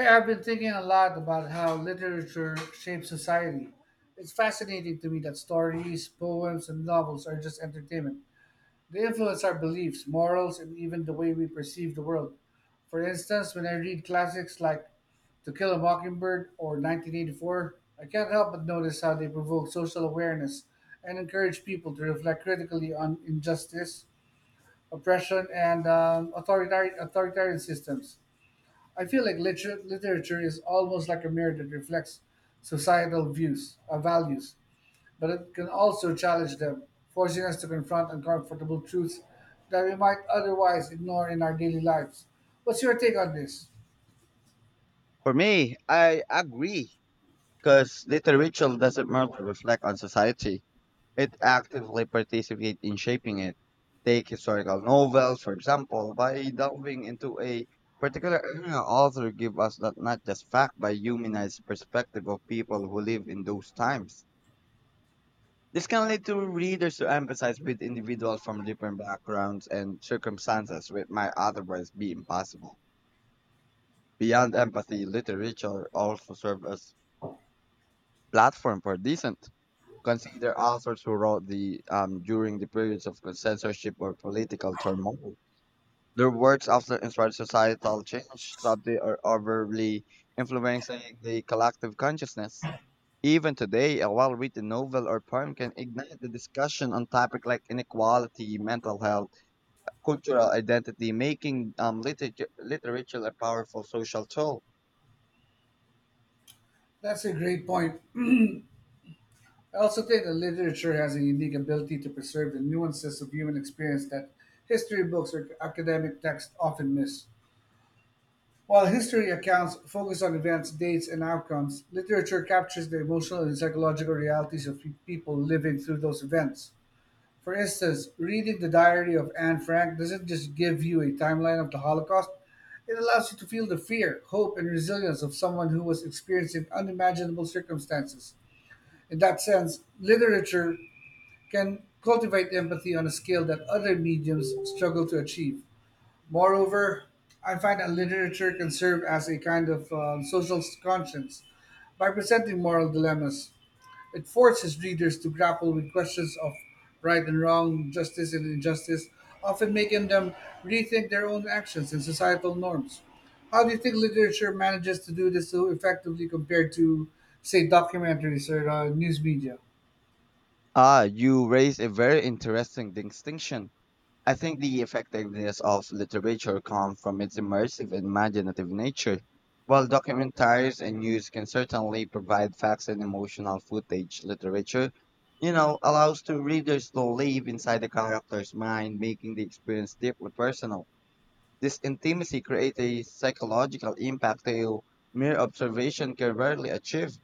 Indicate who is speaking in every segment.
Speaker 1: Hey, I've been thinking a lot about how literature shapes society. It's fascinating to me that stories, poems, and novels are just entertainment. They influence our beliefs, morals, and even the way we perceive the world. For instance, when I read classics like To Kill a Mockingbird or 1984, I can't help but notice how they provoke social awareness and encourage people to reflect critically on injustice, oppression, and authoritarian systems. I feel like literature is almost like a mirror that reflects societal views, values, but it can also challenge them, forcing us to confront uncomfortable truths that we might otherwise ignore in our daily lives. What's your take on this?
Speaker 2: For me, I agree because literature doesn't merely reflect on society. It actively participates in shaping it. Take historical novels, for example, by delving into a particular era, author give us that not just fact but humanized perspective of people who live in those times. This can lead to readers to empathize with individuals from different backgrounds and circumstances, which might otherwise be impossible. Beyond empathy, literature also serves as platform for dissent. Consider authors who wrote the during the periods of censorship or political turmoil. Their works often inspired societal change, subtly or overly influencing the collective consciousness. Even today, a well-written novel or poem can ignite the discussion on topics like inequality, mental health, cultural identity, making literature a powerful social tool.
Speaker 1: That's a great point. I also think that literature has a unique ability to preserve the nuances of human experience that history books or academic texts often miss. While history accounts focus on events, dates, and outcomes, literature captures the emotional and psychological realities of people living through those events. For instance, reading the diary of Anne Frank doesn't just give you a timeline of the Holocaust, it allows you to feel the fear, hope, and resilience of someone who was experiencing unimaginable circumstances. In that sense, literature can cultivate empathy on a scale that other mediums struggle to achieve. Moreover, I find that literature can serve as a kind of social conscience by presenting moral dilemmas. It forces readers to grapple with questions of right and wrong, justice and injustice, often making them rethink their own actions and societal norms. How do you think literature manages to do this so effectively compared to, say, documentaries or news media?
Speaker 2: Ah, you raise a very interesting distinction. I think the effectiveness of literature comes from its immersive and imaginative nature, while documentaries and news can certainly provide facts and emotional footage. Literature, you know, allows to readers to live inside the character's mind, making the experience deeply personal. This intimacy creates a psychological impact that mere observation can rarely achieve.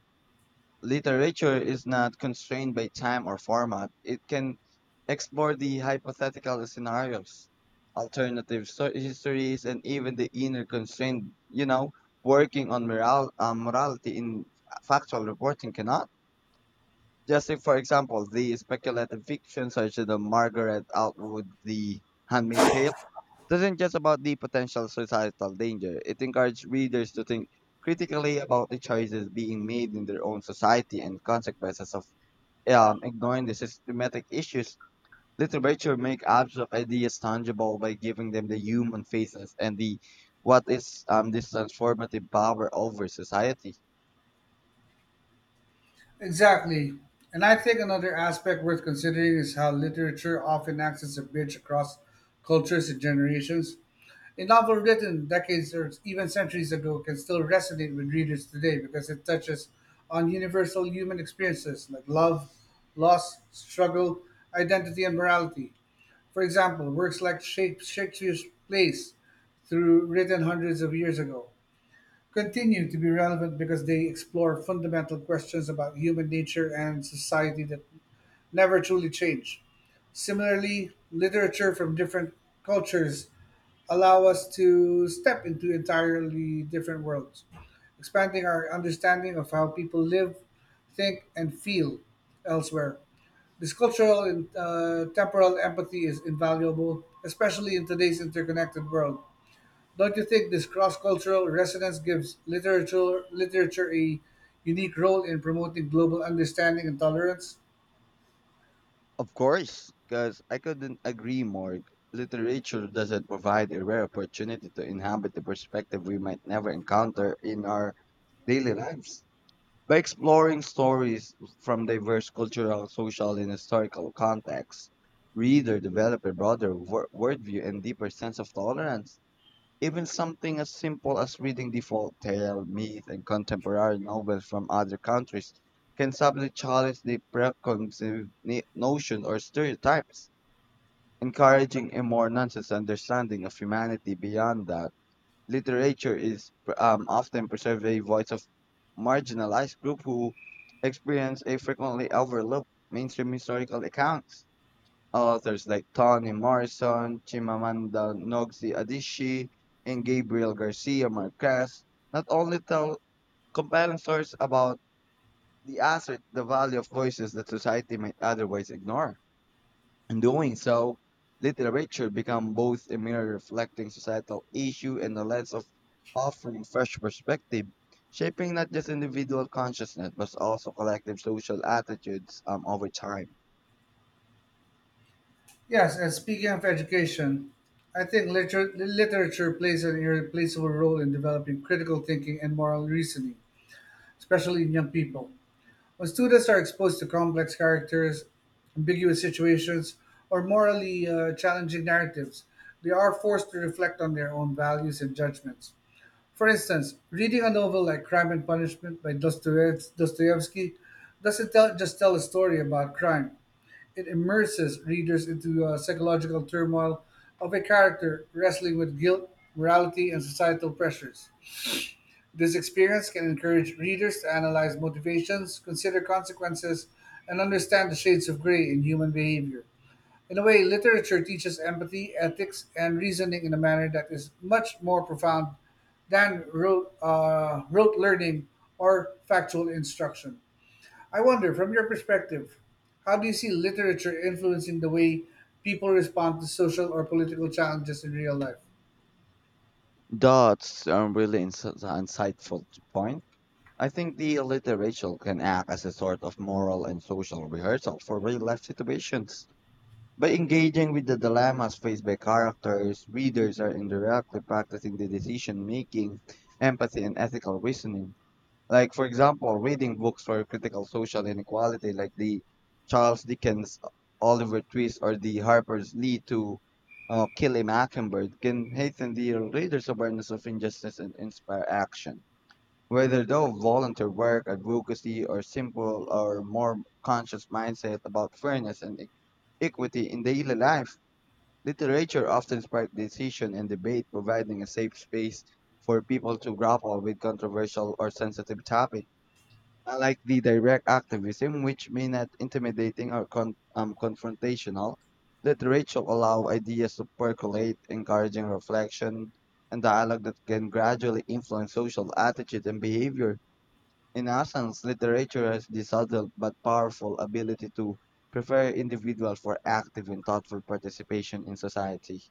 Speaker 2: Literature is not constrained by time or format. It can explore the hypothetical scenarios, alternative histories, and even the inner constraint, you know, working on morality in factual reporting cannot. Just take, for example, the speculative fiction such as the Margaret Atwood, The Handmaid's Tale, isn't just about the potential societal danger. It encouraged readers to think critically about the choices being made in their own society and consequences of ignoring the systematic issues. Literature make abstract ideas tangible by giving them the human faces and the what is this transformative power over society.
Speaker 1: Exactly. And I think another aspect worth considering is how literature often acts as a bridge across cultures and generations. A novel written decades or even centuries ago can still resonate with readers today because it touches on universal human experiences like love, loss, struggle, identity, and morality. For example, works like Shakespeare's plays, through written hundreds of years ago, continue to be relevant because they explore fundamental questions about human nature and society that never truly change. Similarly, literature from different cultures allow us to step into entirely different worlds, expanding our understanding of how people live, think, and feel elsewhere. This cultural and temporal empathy is invaluable, especially in today's interconnected world. Don't you think this cross-cultural resonance gives literature a unique role in promoting global understanding and tolerance?
Speaker 2: Of course, because I couldn't agree more. Literature doesn't provide a rare opportunity to inhabit the perspective we might never encounter in our daily lives. By exploring stories from diverse cultural, social, and historical contexts, reader develop a broader worldview and deeper sense of tolerance. Even something as simple as reading default tale, myth, and contemporary novels from other countries can subtly challenge the preconceived notions or stereotypes, encouraging a more nuanced understanding of humanity beyond that. Literature is often preserves a voice of marginalized group who experience a frequently overlooked mainstream historical accounts. Authors like Toni Morrison, Chimamanda Ngozi Adichie, and Gabriel Garcia Marquez not only tell compelling stories about the asset, the value of voices that society might otherwise ignore. In doing so, literature becomes both a mirror reflecting societal issue and a lens of offering fresh perspective, shaping not just individual consciousness but also collective social attitudes over time.
Speaker 1: Yes, and speaking of education, I think literature plays an irreplaceable role in developing critical thinking and moral reasoning, especially in young people. When students are exposed to complex characters, ambiguous situations, or morally challenging narratives, they are forced to reflect on their own values and judgments. For instance, reading a novel like Crime and Punishment by Dostoevsky doesn't just tell a story about crime. It immerses readers into a psychological turmoil of a character wrestling with guilt, morality, and societal pressures. This experience can encourage readers to analyze motivations, consider consequences, and understand the shades of gray in human behavior. In a way, literature teaches empathy, ethics, and reasoning in a manner that is much more profound than rote learning or factual instruction. I wonder, from your perspective, how do you see literature influencing the way people respond to social or political challenges in real life?
Speaker 2: That's a really insightful point. I think the literature can act as a sort of moral and social rehearsal for real life situations. By engaging with the dilemmas faced by characters, readers are indirectly practicing the decision making, empathy, and ethical reasoning. Like, for example, reading books for critical social inequality, like the Charles Dickens, Oliver Twist, or the Harper's Lee to Kill a Mockingbird, can heighten the reader's awareness of injustice and inspire action. Whether though volunteer work, advocacy, or simple or more conscious mindset about fairness and equity in daily life, literature often sparks decision and debate, providing a safe space for people to grapple with controversial or sensitive topics. Unlike the direct activism, which may not intimidating or confrontational, literature allow ideas to percolate, encouraging reflection and dialogue that can gradually influence social attitudes and behavior. In essence, literature has the subtle but powerful ability to prepare individuals for active and thoughtful participation in society.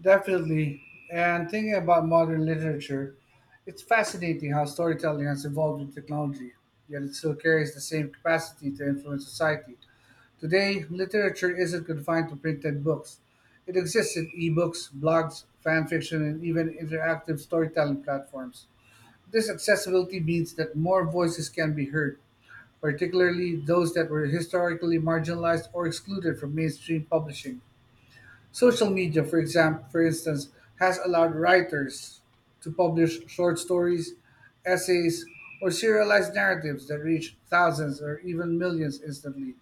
Speaker 1: Definitely. And thinking about modern literature, it's fascinating how storytelling has evolved with technology, yet it still carries the same capacity to influence society. Today, literature isn't confined to printed books. It exists in ebooks, blogs, fan fiction, and even interactive storytelling platforms. This accessibility means that more voices can be heard, particularly those that were historically marginalized or excluded from mainstream publishing. Social media, for instance, has allowed writers to publish short stories, essays, or serialized narratives that reach thousands or even millions instantly.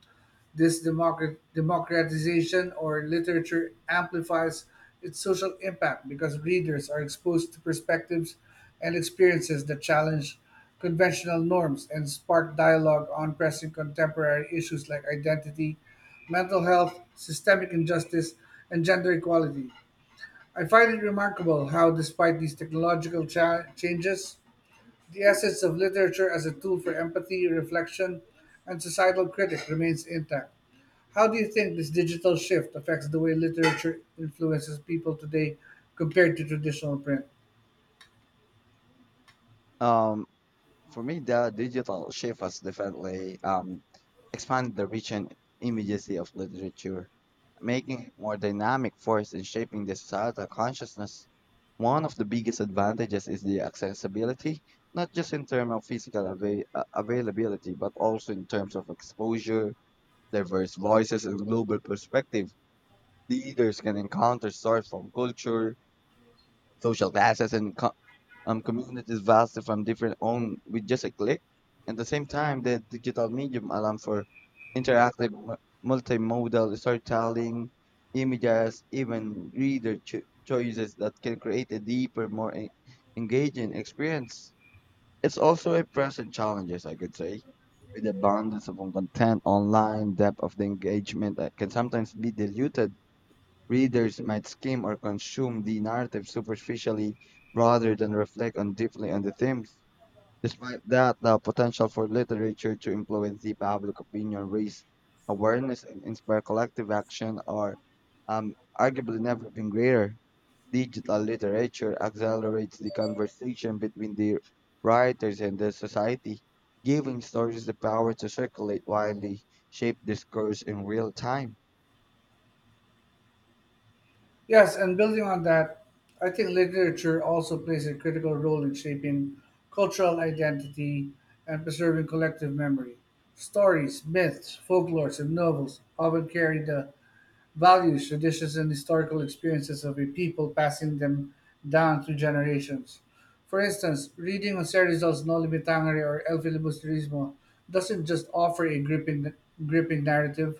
Speaker 1: This democratization or literature amplifies its social impact because readers are exposed to perspectives and experiences that challenge conventional norms and spark dialogue on pressing contemporary issues like identity mental health, systemic injustice, and gender equality. I find it remarkable how, despite these technological changes, the essence of literature as a tool for empathy, reflection, and societal critic remains intact. How do you think this digital shift affects the way literature influences people today compared to traditional print?
Speaker 2: Um, For me, the digital shift has definitely expanded the reach and immediacy of literature, making it more dynamic force in shaping the societal consciousness. One of the biggest advantages is the accessibility, not just in terms of physical availability, but also in terms of exposure, diverse voices, and global perspective. Readers can encounter stories from culture, social classes and communities vastly from different own with just a click. At the same time, the digital medium allows for interactive, multimodal storytelling, images, even reader choices that can create a deeper, more engaging experience. It's also a present challenges, I could say, with abundance of content online, depth of the engagement that can sometimes be diluted. Readers might skim or consume the narrative superficially rather than reflect on deeply on the themes. Despite that, the potential for literature to influence the public opinion, raise awareness, and inspire collective action are arguably never been greater. Digital literature accelerates the conversation between the writers and the society, giving stories the power to circulate widely, shape discourse in real time.
Speaker 1: Yes, and building on that, I think literature also plays a critical role in shaping cultural identity and preserving collective memory. Stories, myths, folklores, and novels often carry the values, traditions, and historical experiences of a people, passing them down through generations. For instance, reading José Rizal's No Limitangere or El Filibusterismo doesn't just offer a gripping narrative,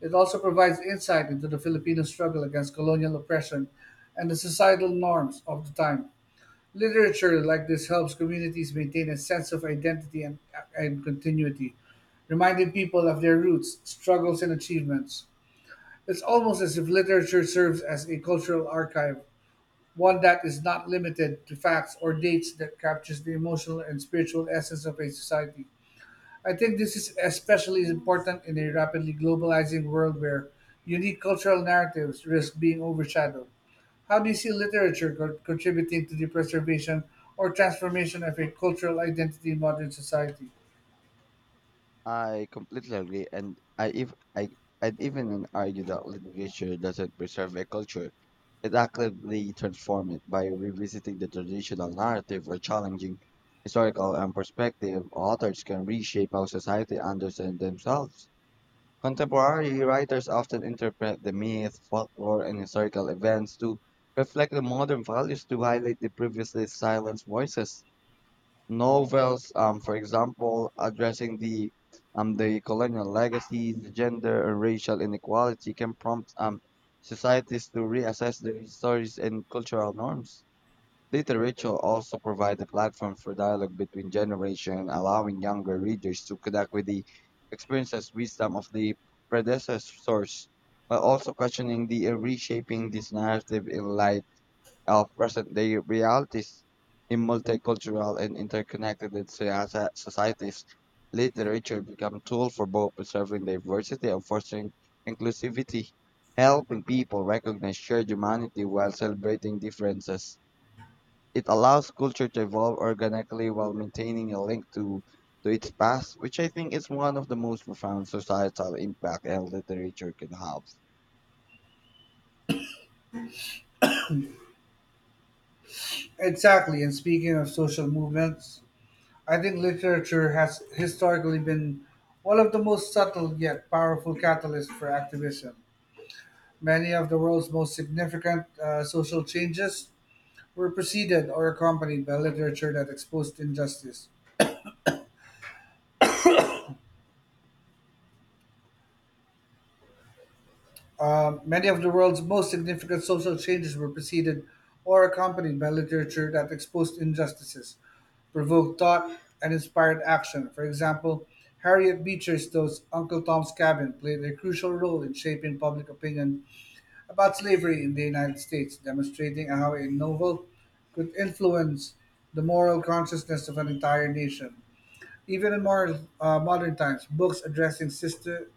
Speaker 1: it also provides insight into the Filipino struggle against colonial oppression and the societal norms of the time. Literature like this helps communities maintain a sense of identity and continuity, reminding people of their roots, struggles, and achievements. It's almost as if literature serves as a cultural archive, one that is not limited to facts or dates that captures the emotional and spiritual essence of a society. I think this is especially important in a rapidly globalizing world where unique cultural narratives risk being overshadowed. How do you see literature contributing to the preservation or transformation of a cultural identity in modern society?
Speaker 2: I completely agree, and I if I I'd even argue that literature doesn't preserve a culture. It actively transforms it by revisiting the traditional narrative or challenging historical and perspective. Authors can reshape how society understands themselves. Contemporary writers often interpret the myth, folklore, and historical events to reflect the modern values to highlight the previously silenced voices novels, for example, addressing the colonial legacies, gender and racial inequality can prompt societies to reassess their histories and cultural norms. Literature also provides a platform for dialogue between generations, allowing younger readers to connect with the experiences, wisdom of the predecessors, while also questioning the reshaping this narrative in light of present day realities in multicultural and interconnected societies. Literature become tool for both preserving diversity and fostering inclusivity, helping people recognize shared humanity while celebrating differences. It allows culture to evolve organically while maintaining a link to its past, which I think is one of the most profound societal impact and literature can have.
Speaker 1: Exactly, and speaking of social movements, I think literature has historically been one of the most subtle yet powerful catalysts for activism. Many of the world's most significant social changes were preceded or accompanied by literature that exposed injustice. Many of the world's most significant social changes were preceded or accompanied by literature that exposed injustices, provoked thought, and inspired action. For example, Harriet Beecher Stowe's Uncle Tom's Cabin played a crucial role in shaping public opinion about slavery in the United States, demonstrating how a novel could influence the moral consciousness of an entire nation. Even in more modern times, books addressing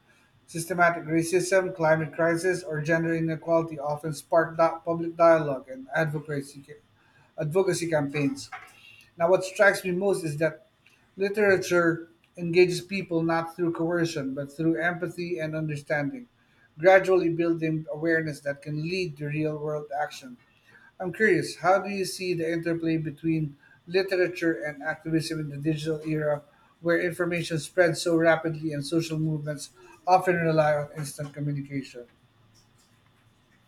Speaker 1: systematic racism, climate crisis, or gender inequality often spark that public dialogue and advocacy campaigns. Now, what strikes me most is that literature engages people not through coercion, but through empathy and understanding, gradually building awareness that can lead to real world action. I'm curious, how do you see the interplay between literature and activism in the digital era, where information spreads so rapidly and social movements often rely on instant communication?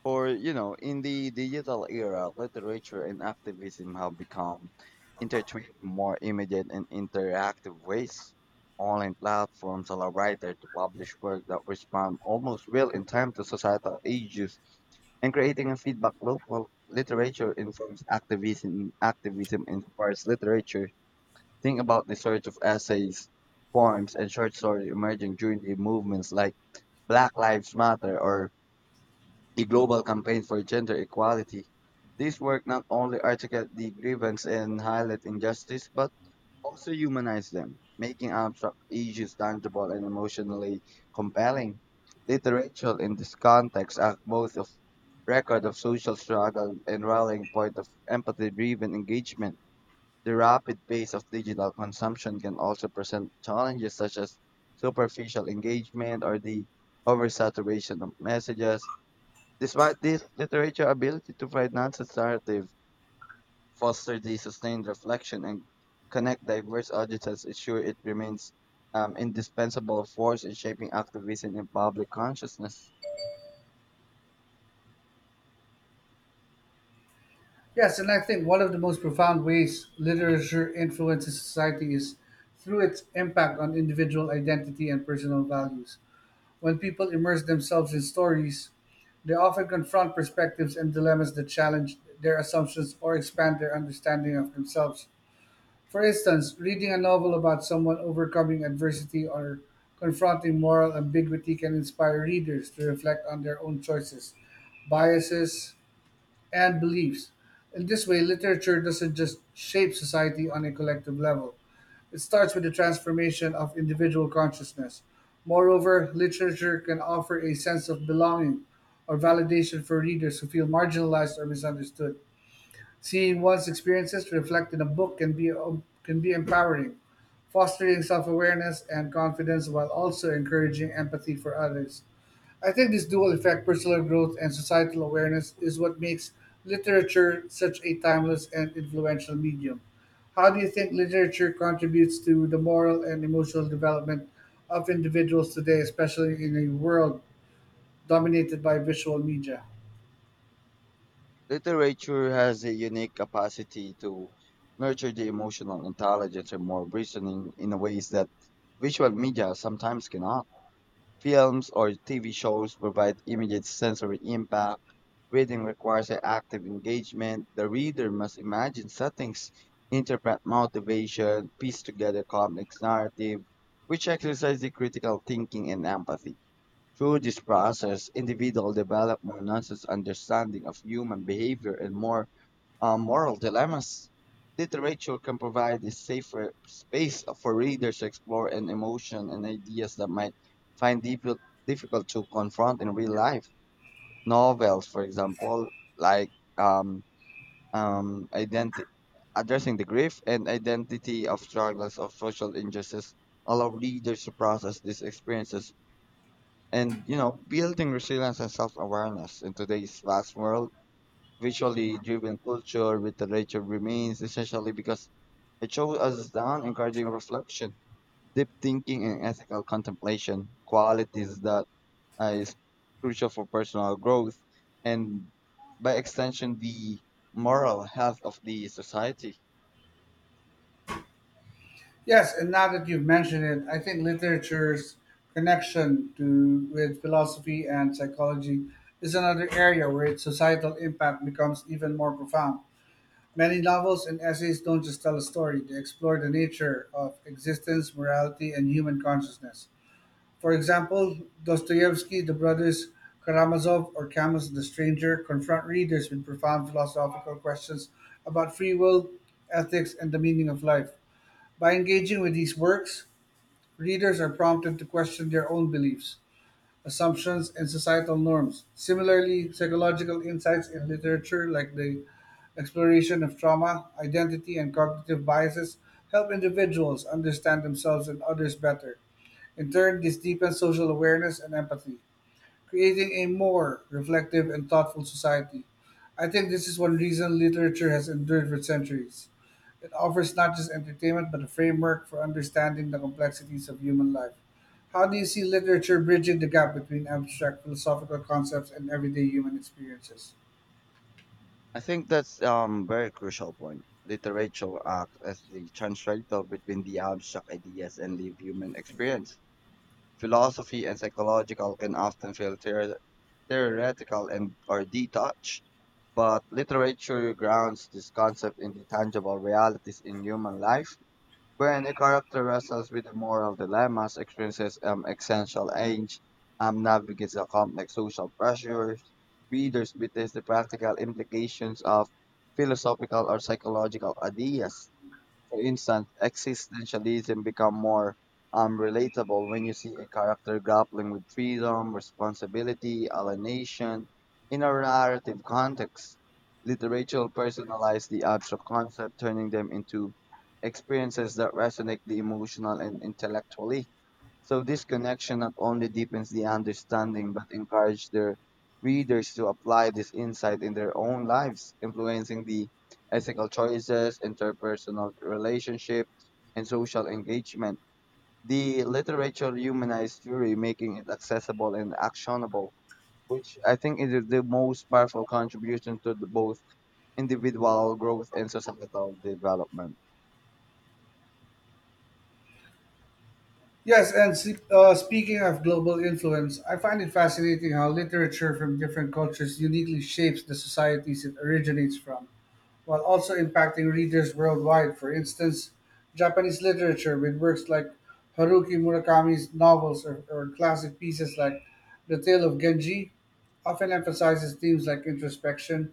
Speaker 2: Or you know in the digital era literature and activism have become intertwined in more immediate and interactive ways. Online platforms allow writers to publish work that respond almost real in time to societal issues and creating a feedback loop while literature informs activism, activism inspires literature. Think about the surge of essays, poems and short stories emerging during the movements like Black Lives Matter or the global campaign for gender equality. This work not only articulate the grievance and highlight injustice, but also humanize them, making abstract issues tangible and emotionally compelling. Literature in this context act both of record of social struggle and rallying point of empathy-driven engagement. The rapid pace of digital consumption can also present challenges such as superficial engagement or the oversaturation of messages. Despite this, literature ability to provide nonsense narrative, foster the sustained reflection, and connect diverse audiences ensure it remains indispensable force in shaping activism and public consciousness.
Speaker 1: Yes, and I think one of the most profound ways literature influences society is through its impact on individual identity and personal values. When people immerse themselves in stories, they often confront perspectives and dilemmas that challenge their assumptions or expand their understanding of themselves. For instance, reading a novel about someone overcoming adversity or confronting moral ambiguity can inspire readers to reflect on their own choices, biases, and beliefs. In this way, literature doesn't just shape society on a collective level, it starts with the transformation of individual consciousness. Moreover, literature can offer a sense of belonging or validation for readers who feel marginalized or misunderstood. Seeing one's experiences reflected in a book can can be empowering, fostering self awareness and confidence while also encouraging empathy for others. I think this dual effect, personal growth and societal awareness, is what makes literature such a timeless and influential medium. How do you think literature contributes to the moral and emotional development of individuals today, especially in a world dominated by visual media?
Speaker 2: Literature has a unique capacity to nurture the emotional intelligence and moral reasoning in a ways that visual media sometimes cannot. Films or TV shows provide immediate sensory impact. Reading requires an active engagement. The reader must imagine settings, interpret motivation, piece together complex narrative, which exercise the critical thinking and empathy. Through this process, individual develop more nuanced understanding of human behavior and more moral dilemmas. Literature can provide a safer space for readers to explore an emotion and ideas that might find difficult to confront in real life. Novels, for example, like um, um, identi- addressing the grief and identity of struggles of social injustice, allow readers to process these experiences and you know building resilience and self-awareness in today's vast world visually driven culture with literature remains essentially because it shows us down encouraging reflection, deep thinking, and ethical contemplation, qualities that is crucial for personal growth and by extension the moral health of the society.
Speaker 1: Yes, and now that you've mentioned it, I think literature's connection to with philosophy and psychology is another area where its societal impact becomes even more profound. Many novels and essays don't just tell a story, they explore the nature of existence, morality, and human consciousness. For example, Dostoevsky, the brothers Karamazov, or Camus the Stranger confront readers with profound philosophical questions about free will, ethics, and the meaning of life. By engaging with these works, readers are prompted to question their own beliefs assumptions, and societal norms. Similarly, psychological insights in literature, like the exploration of trauma, identity, and cognitive biases, help individuals understand themselves and others better. In turn, this deepens social awareness and empathy creating a more reflective and thoughtful society. I think this is one reason literature has endured for centuries. It offers not just entertainment but a framework for understanding the complexities of human life. How do you see literature bridging the gap between abstract philosophical concepts and everyday human experiences?
Speaker 2: I think that's very crucial point. Literature acts as the translator between the abstract ideas and live human experience philosophy and psychological can often feel theoretical and or detached, but literature grounds this concept in the tangible realities in human life. When a character wrestles with the moral dilemmas, experiences existential age, navigates the complex social pressures, readers witness the practical implications of philosophical or psychological ideas for instance, existentialism become more relatable when you see a character grappling with freedom, responsibility, alienation in a narrative context. Literature personalize the abstract concept, turning them into experiences that resonate the emotional and intellectually. So this connection not only deepens the understanding but encourages their readers to apply this insight in their own lives, influencing the ethical choices, interpersonal relationship, and social engagement. The literature humanized theory, making it accessible and actionable, which I think is the most powerful contribution to both individual growth and societal development.
Speaker 1: Yes, and speaking of global influence, I find it fascinating how literature from different cultures uniquely shapes the societies it originates from. While also impacting readers worldwide. For instance, Japanese literature with works like Haruki Murakami's novels or classic pieces like The Tale of Genji often emphasizes themes like introspection,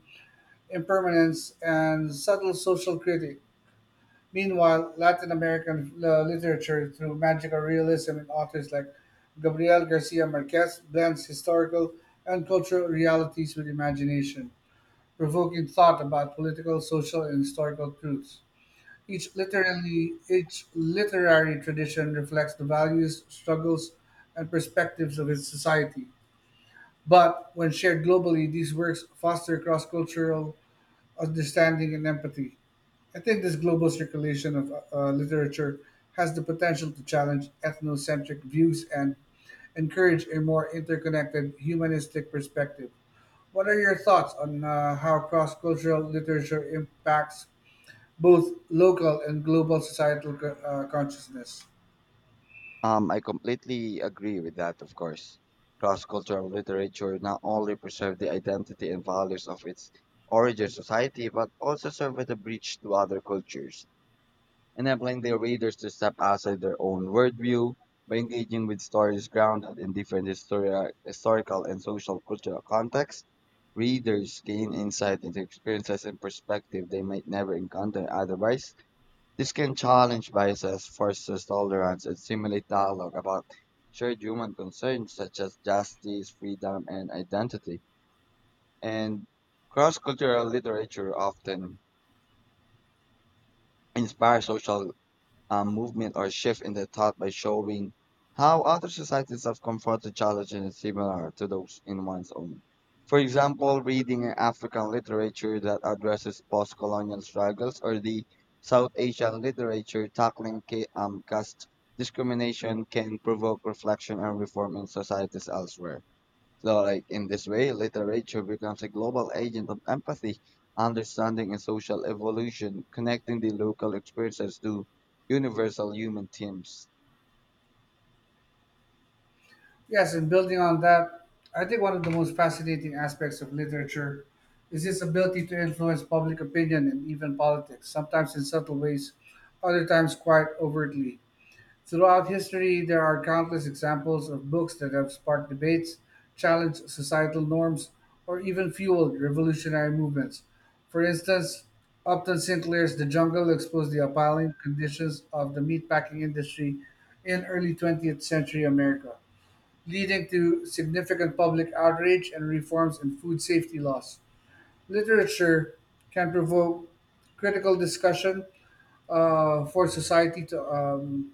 Speaker 1: impermanence, and subtle social critique. Meanwhile, Latin American literature through magical realism and authors like Gabriel Garcia Marquez blends historical and cultural realities with imagination provoking thought about political, social, and historical truths. Each literary tradition reflects the values, struggles, and perspectives of its society. But when shared globally, these works foster cross-cultural understanding and empathy. I think this global circulation of literature has the potential to challenge ethnocentric views and encourage a more interconnected humanistic perspective. What are your thoughts on how cross-cultural literature impacts both local and global societal consciousness?
Speaker 2: I completely agree with that, of course. Cross-cultural literature not only preserves the identity and values of its origin society, but also serve as a bridge to other cultures, enabling their readers to step outside their own worldview by engaging with stories grounded in different historical and social cultural contexts. Readers gain insight into experiences and perspective they might never encounter otherwise. This can challenge biases, foster tolerance, and stimulate dialogue about shared human concerns such as justice, freedom, and identity. And cross cultural literature often inspires social movement or shift in the thought by showing how other societies have confronted challenges similar to those in one's own. For example, reading in African literature that addresses post colonial struggles or the South Asian literature tackling caste discrimination can provoke reflection and reform in societies elsewhere. So, like in this way, literature becomes a global agent of empathy, understanding, and social evolution, connecting the local experiences to universal human themes.
Speaker 1: Yes, and building on that, I think one of the most fascinating aspects of literature is its ability to influence public opinion and even politics, sometimes in subtle ways, other times quite overtly. Throughout history, there are countless examples of books that have sparked debates, challenged societal norms, or even fueled revolutionary movements. For instance, Upton Sinclair's The Jungle exposed the appalling conditions of the meatpacking industry in early 20th century America, leading to significant public outrage and reforms in food safety laws. Literature can provoke critical discussion for society to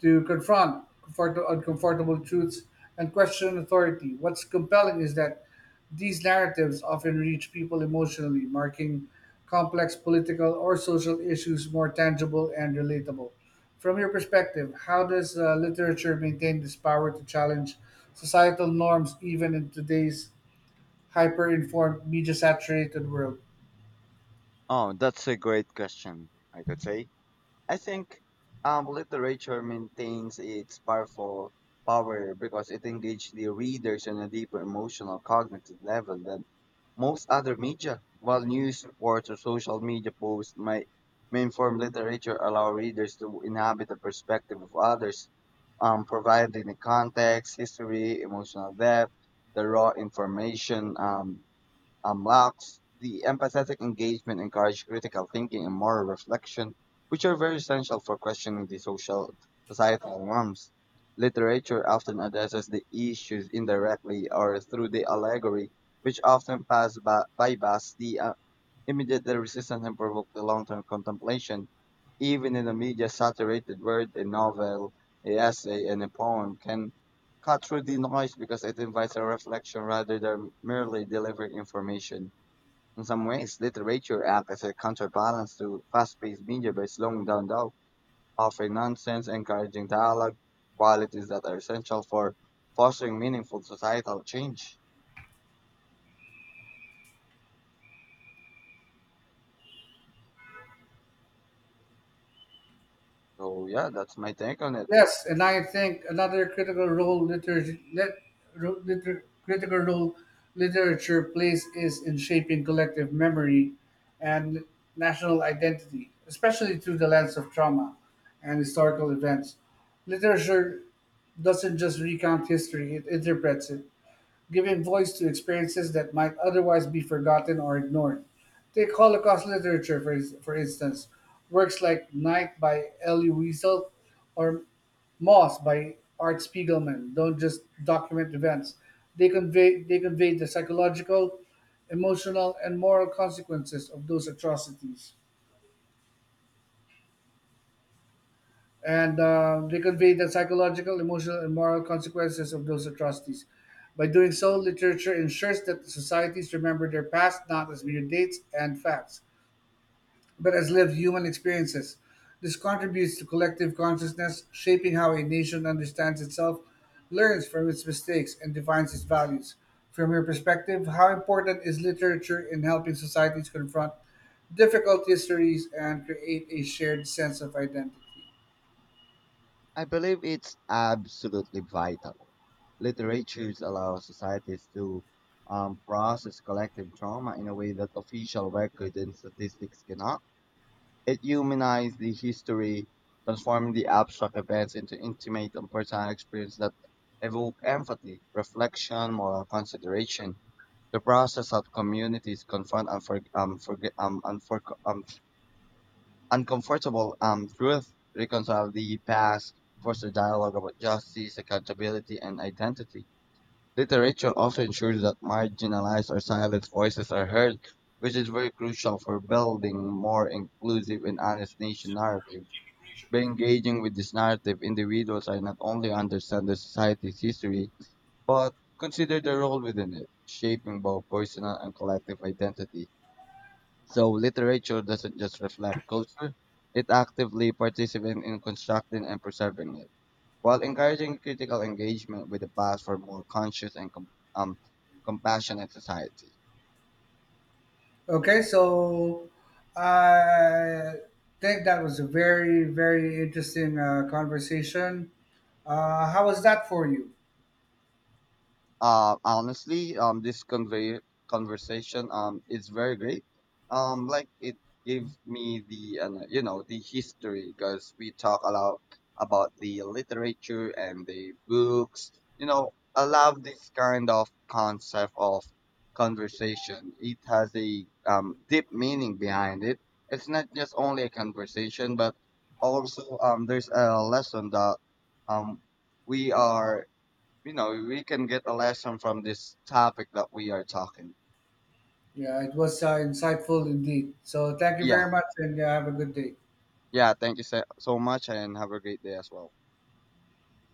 Speaker 1: to confront uncomfortable truths and question authority. What's compelling is that these narratives often reach people emotionally, marking complex political or social issues more tangible and relatable. From your perspective, how does literature maintain this power to challenge societal norms even in today's hyper informed, media saturated world?
Speaker 2: Oh, that's a great question, I could say. I think literature maintains its powerful power because it engages the readers on a deeper emotional, cognitive level than most other media, while news reports or social media posts may inform literature, allow readers to inhabit the perspective of others, providing the context, history, emotional depth, the raw information. Unlocks the empathetic engagement, encourage critical thinking and moral reflection, which are very essential for questioning the social societal norms. Literature often addresses the issues indirectly or through the allegory, which often pass by, bypass the immediately resistance and provoked a long-term contemplation. Even in a media-saturated world, a novel, a essay, and a poem can cut through the noise because it invites a reflection rather than merely delivering information. In some ways, literature acts as a counterbalance to fast-paced media by slowing down though, offering nonsense, encouraging dialogue, qualities that are essential for fostering meaningful societal change. So yeah, that's my take on it.
Speaker 1: Yes, and I think another critical role literature, lit, ro- liter, critical role literature plays is in shaping collective memory and national identity, especially through the lens of trauma and historical events. Literature doesn't just recount history; it interprets it giving voice to experiences that might otherwise be forgotten or ignored. Take Holocaust literature, for instance. Works like Night by Elie Wiesel or Moss by Art Spiegelman don't just document events. They convey the psychological, emotional, and moral consequences of those atrocities. And they convey the psychological, emotional, and moral consequences of those atrocities. By doing so, literature ensures that the societies remember their past not as mere dates and facts, but as lived human experiences. This contributes to collective consciousness, shaping how a nation understands itself, learns from its mistakes, and defines its values. From your perspective, how important is literature in helping societies confront difficult histories and create a shared sense of identity?
Speaker 2: I believe it's absolutely vital. Literature allows societies to process collective trauma in a way that official records and statistics cannot. It humanizes the history, transforming the abstract events into intimate and personal experiences that evoke empathy, reflection, moral consideration. The process of communities confront uncomfortable truth reconcile the past, foster dialogue about justice, accountability, and identity. Literature also ensures that marginalized or silent voices are heard, which is very crucial for building more inclusive and honest nation narrative. By engaging with this narrative, individuals are not only understand the society's history, but consider their role within it, shaping both personal and collective identity. So literature doesn't just reflect culture, it actively participates in constructing and preserving it, while encouraging critical engagement with the past for more conscious and um, compassionate society.
Speaker 1: Okay, so I think that was a very interesting conversation. How was that for you?
Speaker 2: Honestly, this convey conversation is very great. Like it gave me the you know the history because we talk a lot about the literature and the books. You know, I love this kind of concept of conversation. It has a deep meaning behind it. It's not just only a conversation, but also there's a lesson that um we are, you know, we can get a lesson from this topic that we are talking.
Speaker 1: Yeah, it was insightful indeed. So thank you
Speaker 2: Yeah,
Speaker 1: very much and have a good day.
Speaker 2: yeah. Thank you so much, and have a great day as well.